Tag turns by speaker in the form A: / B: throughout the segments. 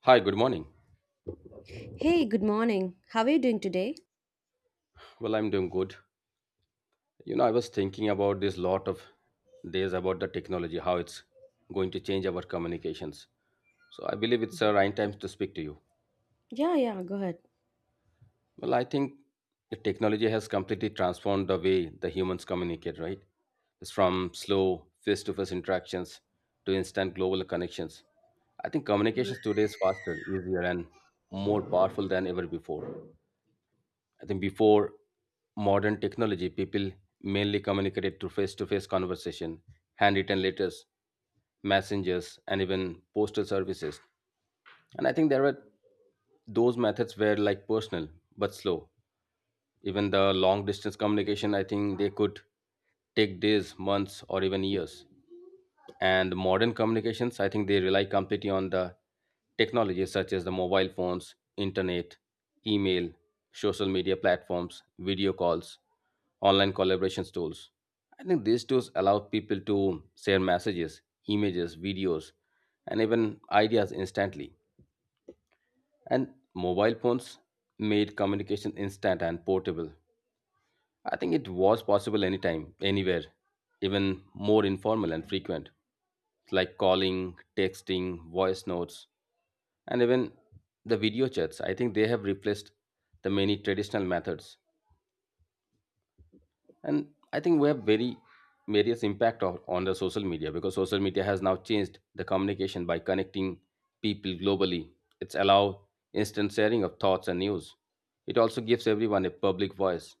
A: Hi, good morning.
B: Hey, good morning. How are you doing today?
A: Well, I'm doing good. You know, I was thinking about this lot of days about the technology, how it's going to change our communications. So I believe it's the right time to speak to you.
B: Yeah, yeah, go ahead.
A: Well, I think the technology has completely transformed the way the humans communicate, right? It's from slow face-to-face interactions to instant global connections. I think communications today is faster, easier, and more powerful than ever before. I think before modern technology, people mainly communicated through face to face conversation, handwritten letters, messengers, and even postal services. And I think there were those methods were like personal but slow. Even the long distance communication, I think they could take days, months, or even years, and modern communications, I think they rely completely on the technologies such as the mobile phones, internet, email, social media platforms, video calls, online collaborations tools. I think these tools allow people to share messages, images, videos, and even ideas instantly. And mobile phones made communication instant and portable. I think it was possible anytime, anywhere, even more informal and frequent, like calling, texting, voice notes, and even the video chats. I think they have replaced the many traditional methods. And I think we have very various impact of, on the social media, because social media has now changed the communication by connecting people globally. It's allow instant sharing of thoughts and news. It also gives everyone a public voice.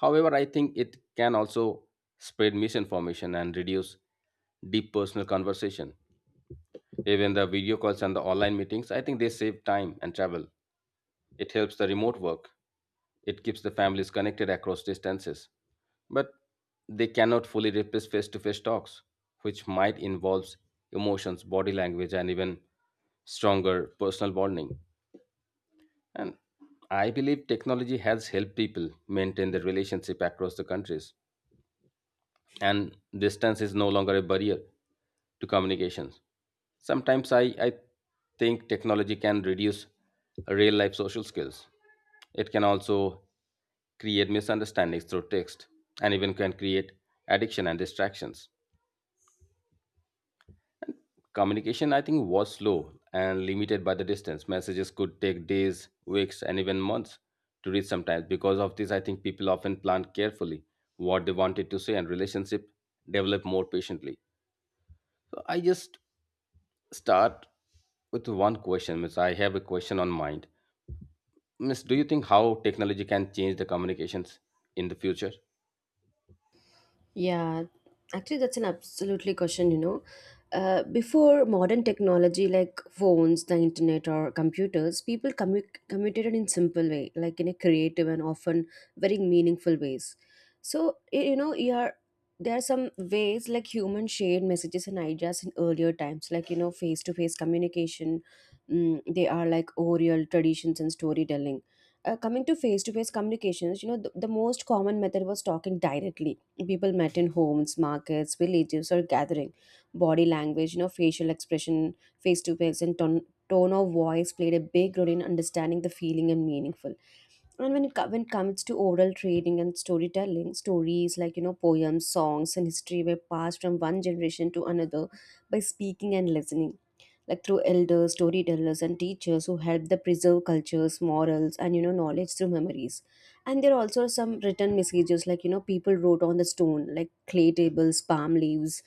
A: However, I think it can also spread misinformation and reduce deep personal conversation. Even the video calls and the online meetings, I think they save time and travel. It helps the remote work. It keeps the families connected across distances. But they cannot fully replace face to face talks, which might involve emotions, body language, and even stronger personal bonding. And I believe technology has helped people maintain their relationship across the countries, and distance is no longer a barrier to communications. Sometimes I think technology can reduce real life social skills. It can also create misunderstandings through text and even can create addiction and distractions. Communication, I think, was slow and limited by the distance. Messages could take days, weeks, and even months to reach sometimes. Because of this, I think people often planned carefully what they wanted to say, and relationship develop more patiently. So I just start with one question, Miss. I have a question on mind. Miss, do you think how technology can change the communications in the future?
B: Yeah, actually, that's an absolutely question, Before modern technology like phones, the internet, or computers, communicated in simple way, like in a creative and often very meaningful ways. So y- you know, you are there are some ways like human shared messages and ideas in earlier times, like face to face communication. Mm, they are like oral traditions and storytelling. Coming to face communications, the most common method was talking directly, people met in homes, markets, villages, or gathering. Body language, facial expression, face to face, and tone of voice played a big role in understanding the feeling and meaningful. And when it comes to oral trading and storytelling, stories like poems, songs, and history were passed from one generation to another by speaking and listening, like through elders, storytellers, and teachers who help the preserve cultures, morals, and knowledge through memories. And there are also some written messages, like people wrote on the stone, like clay tables, palm leaves,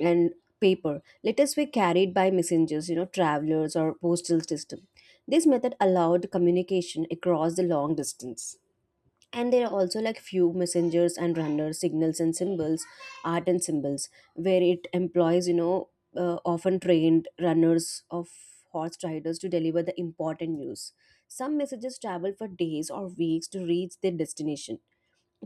B: and paper. Letters were carried by messengers, travelers, or postal system. This method allowed communication across the long distance. And there are also like few messengers and runners, signals and symbols, art and symbols, where it employs, often trained runners of horse riders to deliver the important news. Some messages travel for days or weeks to reach their destination.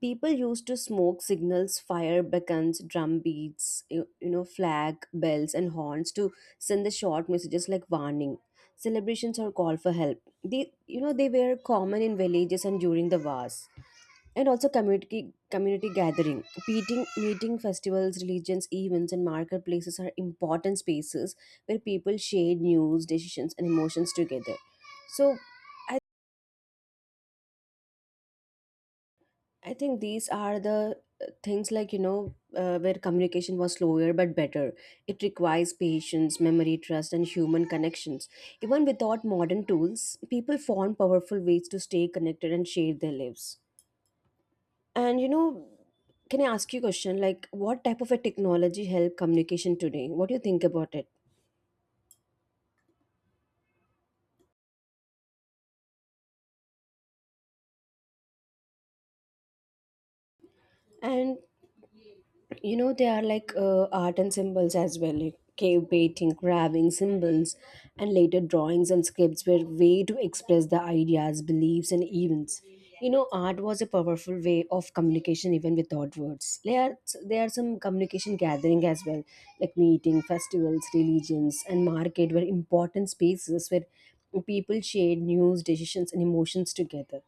B: People used to smoke signals, fire beacons, drum beats, flag, bells, and horns to send the short messages like warning, celebrations, or call for help. They you know they were common in villages and during the wars. And also community gathering, meeting festivals, religions events, and marketplaces are important spaces where people share news, decisions, and emotions together. So i I think these are the things, like where communication was slower but better. It requires patience, memory, trust, and human connections. Even without modern tools, people found powerful ways to stay connected and share their lives. And can I ask you a question? Like, what type of a technology help communication today? What do you think about it? And there are like art and symbols as well, like cave painting, carving symbols, and later drawings and scripts were way to express the ideas, beliefs, and events. Art was a powerful way of communication even without words. There are some communication gathering as well, like meeting, festivals, religions, and market were important spaces where people shared news, decisions, and emotions together.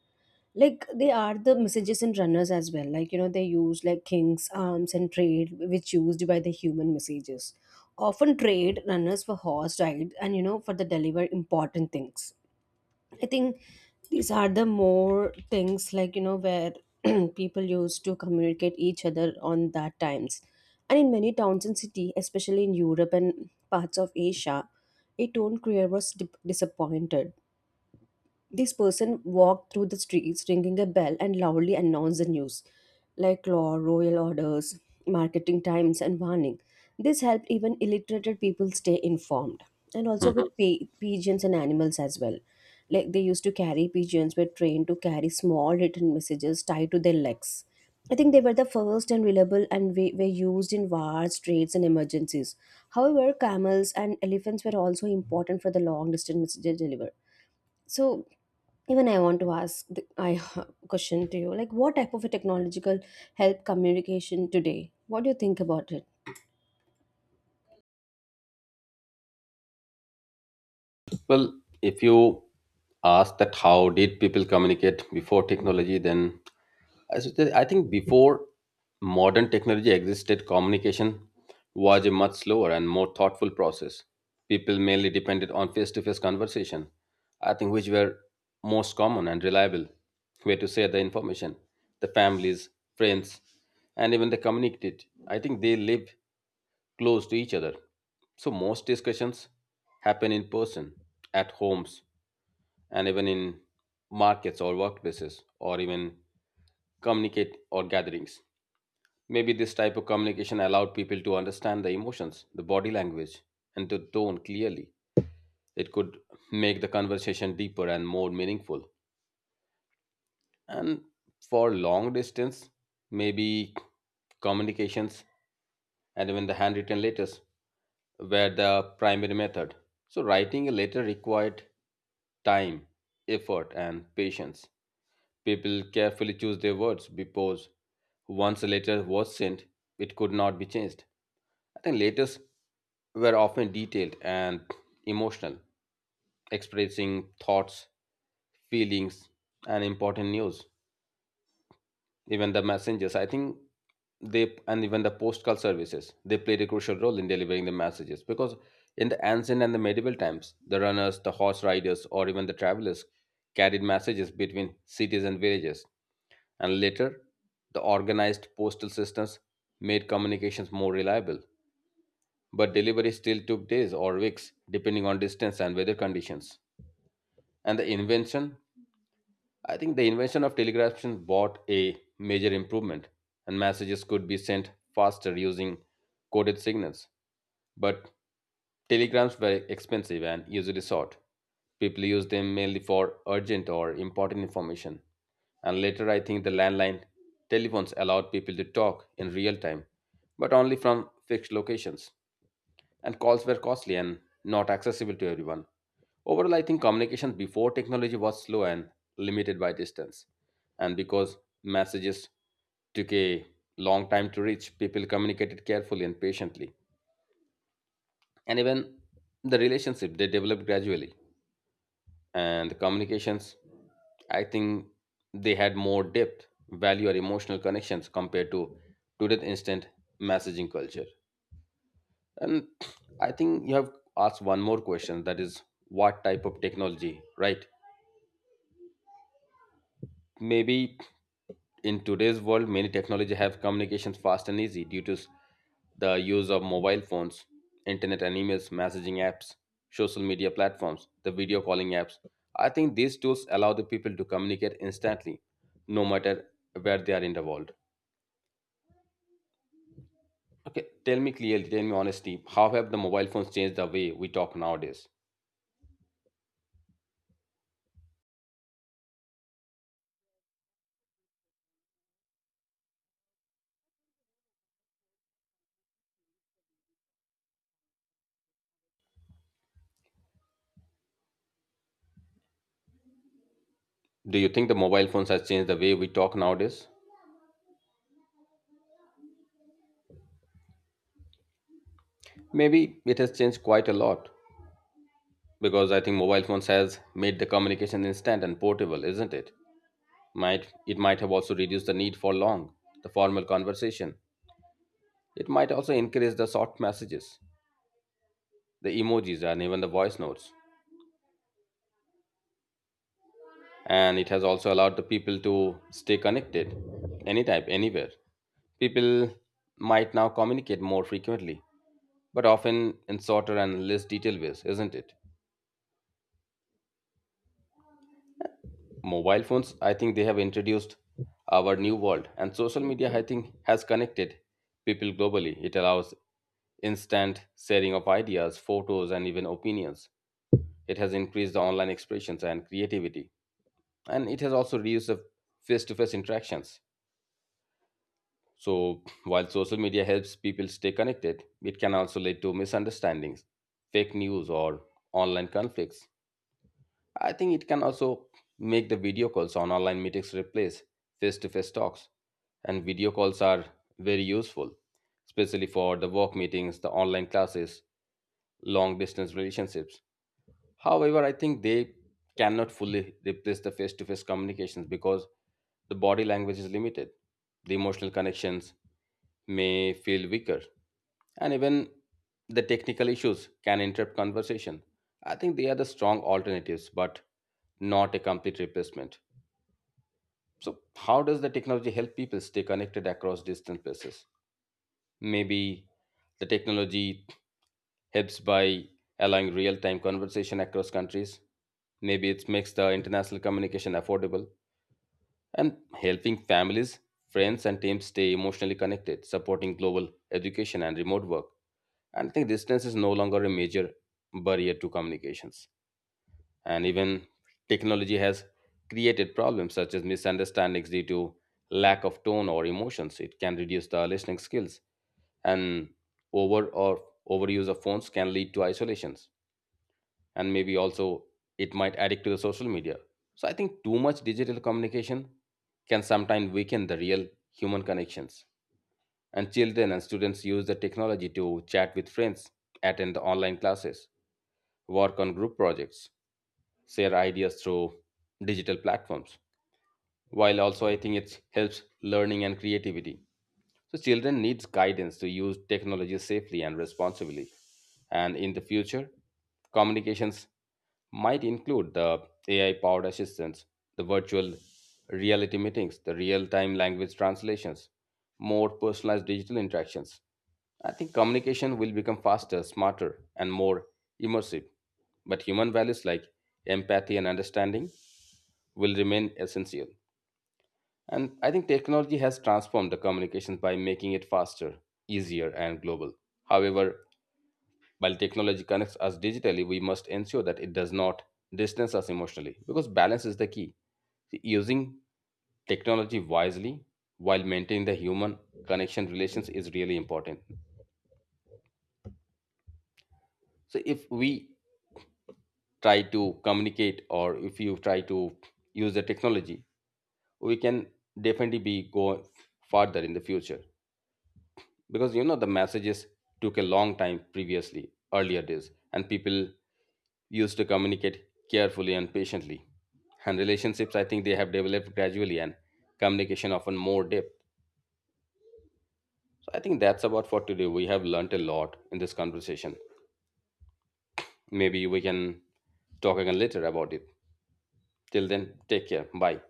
B: Like, they are the messages and runners as well, like they use like kings, arms, and trade, which used by the human messages. Often trade runners for horse ride, and for the deliver important things. I think these are the more things, like where people used to communicate each other on that times. And in many towns and city, especially in Europe and parts of Asia, a tone creator was disappointed. This person walked through the streets ringing a bell and loudly announced the news, like law, royal orders, marketing times, and warning. This helped even illiterate people stay informed. And also
A: Mhm.
B: with pigeons and animals as well. Like they used to carry pigeons, were trained to carry small written messages tied to their legs. I think they were the first and reliable and were used in wars, trades, and emergencies. However, camels and elephants were also important for the long distance messages delivery. So, even I want to ask the, I question to you, like, what type of a technological help communication today? What do you think about it?
A: Well, if you ask that how did people communicate before technology, then as it is, I think before modern technology existed, communication was a much slower and more thoughtful process. People mainly depended on face to face conversation, I think, which were most common and reliable way to share the information, the families, friends, and even the community. I think they live close to each other. So most discussions happen in person, at homes, and even in markets or workplaces, or even communicate or gatherings. Maybe this type of communication allowed people to understand the emotions, the body language, and the tone clearly. It could make the conversation deeper and more meaningful. And for long distance, maybe communications and even the handwritten letters were the primary method. So, writing a letter required time, effort, and patience. People carefully choose their words because once a letter was sent, it could not be changed. I think letters were often detailed and emotional, expressing thoughts, feelings, and important news. Even the messengers, I think they, and even the postal services, they played a crucial role in delivering the messages, because in the ancient and the medieval times, the runners, the horse riders, or even the travelers carried messages between cities and villages. And later, the organized postal systems made communications more reliable, but delivery still took days or weeks depending on distance and weather conditions. And the invention, I think the invention of telegraphy brought a major improvement, and messages could be sent faster using coded signals. But telegrams were expensive and usually short. People used them mainly for urgent or important information. And later, I think the landline telephones allowed people to talk in real time, but only from fixed locations, and calls were costly and not accessible to everyone. Overall, I think communication before technology was slow and limited by distance. And because messages took a long time to reach, people communicated carefully and patiently. And even the relationship they developed gradually. And the communications, I think they had more depth, value, or emotional connections compared to today's instant messaging culture. And I think you have asked one more question, that is what type of technology, right? Maybe in today's world many technology have communications fast and easy due to the use of mobile phones, internet and emails, messaging apps, social media platforms, the video calling apps. I think these tools allow the people to communicate instantly no matter where they are in the world. Okay, tell me clearly, tell me honestly, how have the mobile phones changed the way we talk nowadays? Do you think the mobile phones has changed the way we talk nowadays? Maybe it has changed quite a lot because I think mobile phones has made the communication instant and portable, isn't it? Might have also reduced the need for long, the formal conversation. It might also increase the short messages, the emojis and even the voice notes. And it has also allowed the people to stay connected anytime, anywhere. People might now communicate more frequently, but often in shorter and less detailed ways, isn't it? Mobile phones, I think they have introduced our new world, and social media, I think, has connected people globally. It allows instant sharing of ideas, photos, and even opinions. It has increased the online expressions and creativity, and it has also reduced the face-to-face interactions. So while social media helps people stay connected, it can also lead to misunderstandings, fake news, or online conflicts. I think it can also make the video calls on online meetings replace face to face talks. And video calls are very useful, especially for the work meetings, the online classes, long distance relationships. However, I think they cannot fully replace the face to face communications because the body language is limited. The emotional connections may feel weaker, and even the technical issues can interrupt conversation. I think they are the strong alternatives, but not a complete replacement. So, how does the technology help people stay connected across distant places? Maybe the technology helps by allowing real-time conversation across countries. Maybe it makes the international communication affordable, and helping families, friends, and teams stay emotionally connected, supporting global education and remote work. And I think distance is no longer a major barrier to communications. And even technology has created problems such as misunderstandings due to lack of tone or emotions. It can reduce the listening skills, and over or overuse of phones can lead to isolations, and maybe also it might addict to the social media. So I think too much digital communication can sometimes weaken the real human connections. And children and students use the technology to chat with friends, attend the online classes, work on group projects, share ideas through digital platforms. While also, I think it helps learning and creativity, so children needs guidance to use technology safely and responsibly. And in the future, communications might include the AI powered assistants, the virtual reality meetings, the real time language translations, more personalized digital interactions. I think communication will become faster, smarter, and more immersive. But human values like empathy and understanding will remain essential. And I think technology has transformed the communications by making it faster, easier, and global. However, while technology connects us digitally, we must ensure that it does not distance us emotionally, because balance is the key. See, using technology wisely while maintaining the human connection relations is really important. So, if we try to communicate, or if you try to use the technology, we can definitely be go farther in the future. Because you know the messages took a long time previously, earlier days, and people used to communicate carefully and patiently, and relationships, I think they have developed gradually, and communication often more depth. So I think that's about for today. We have learnt a lot in this conversation. Maybe we can talk again later about it. Till then, take care, bye.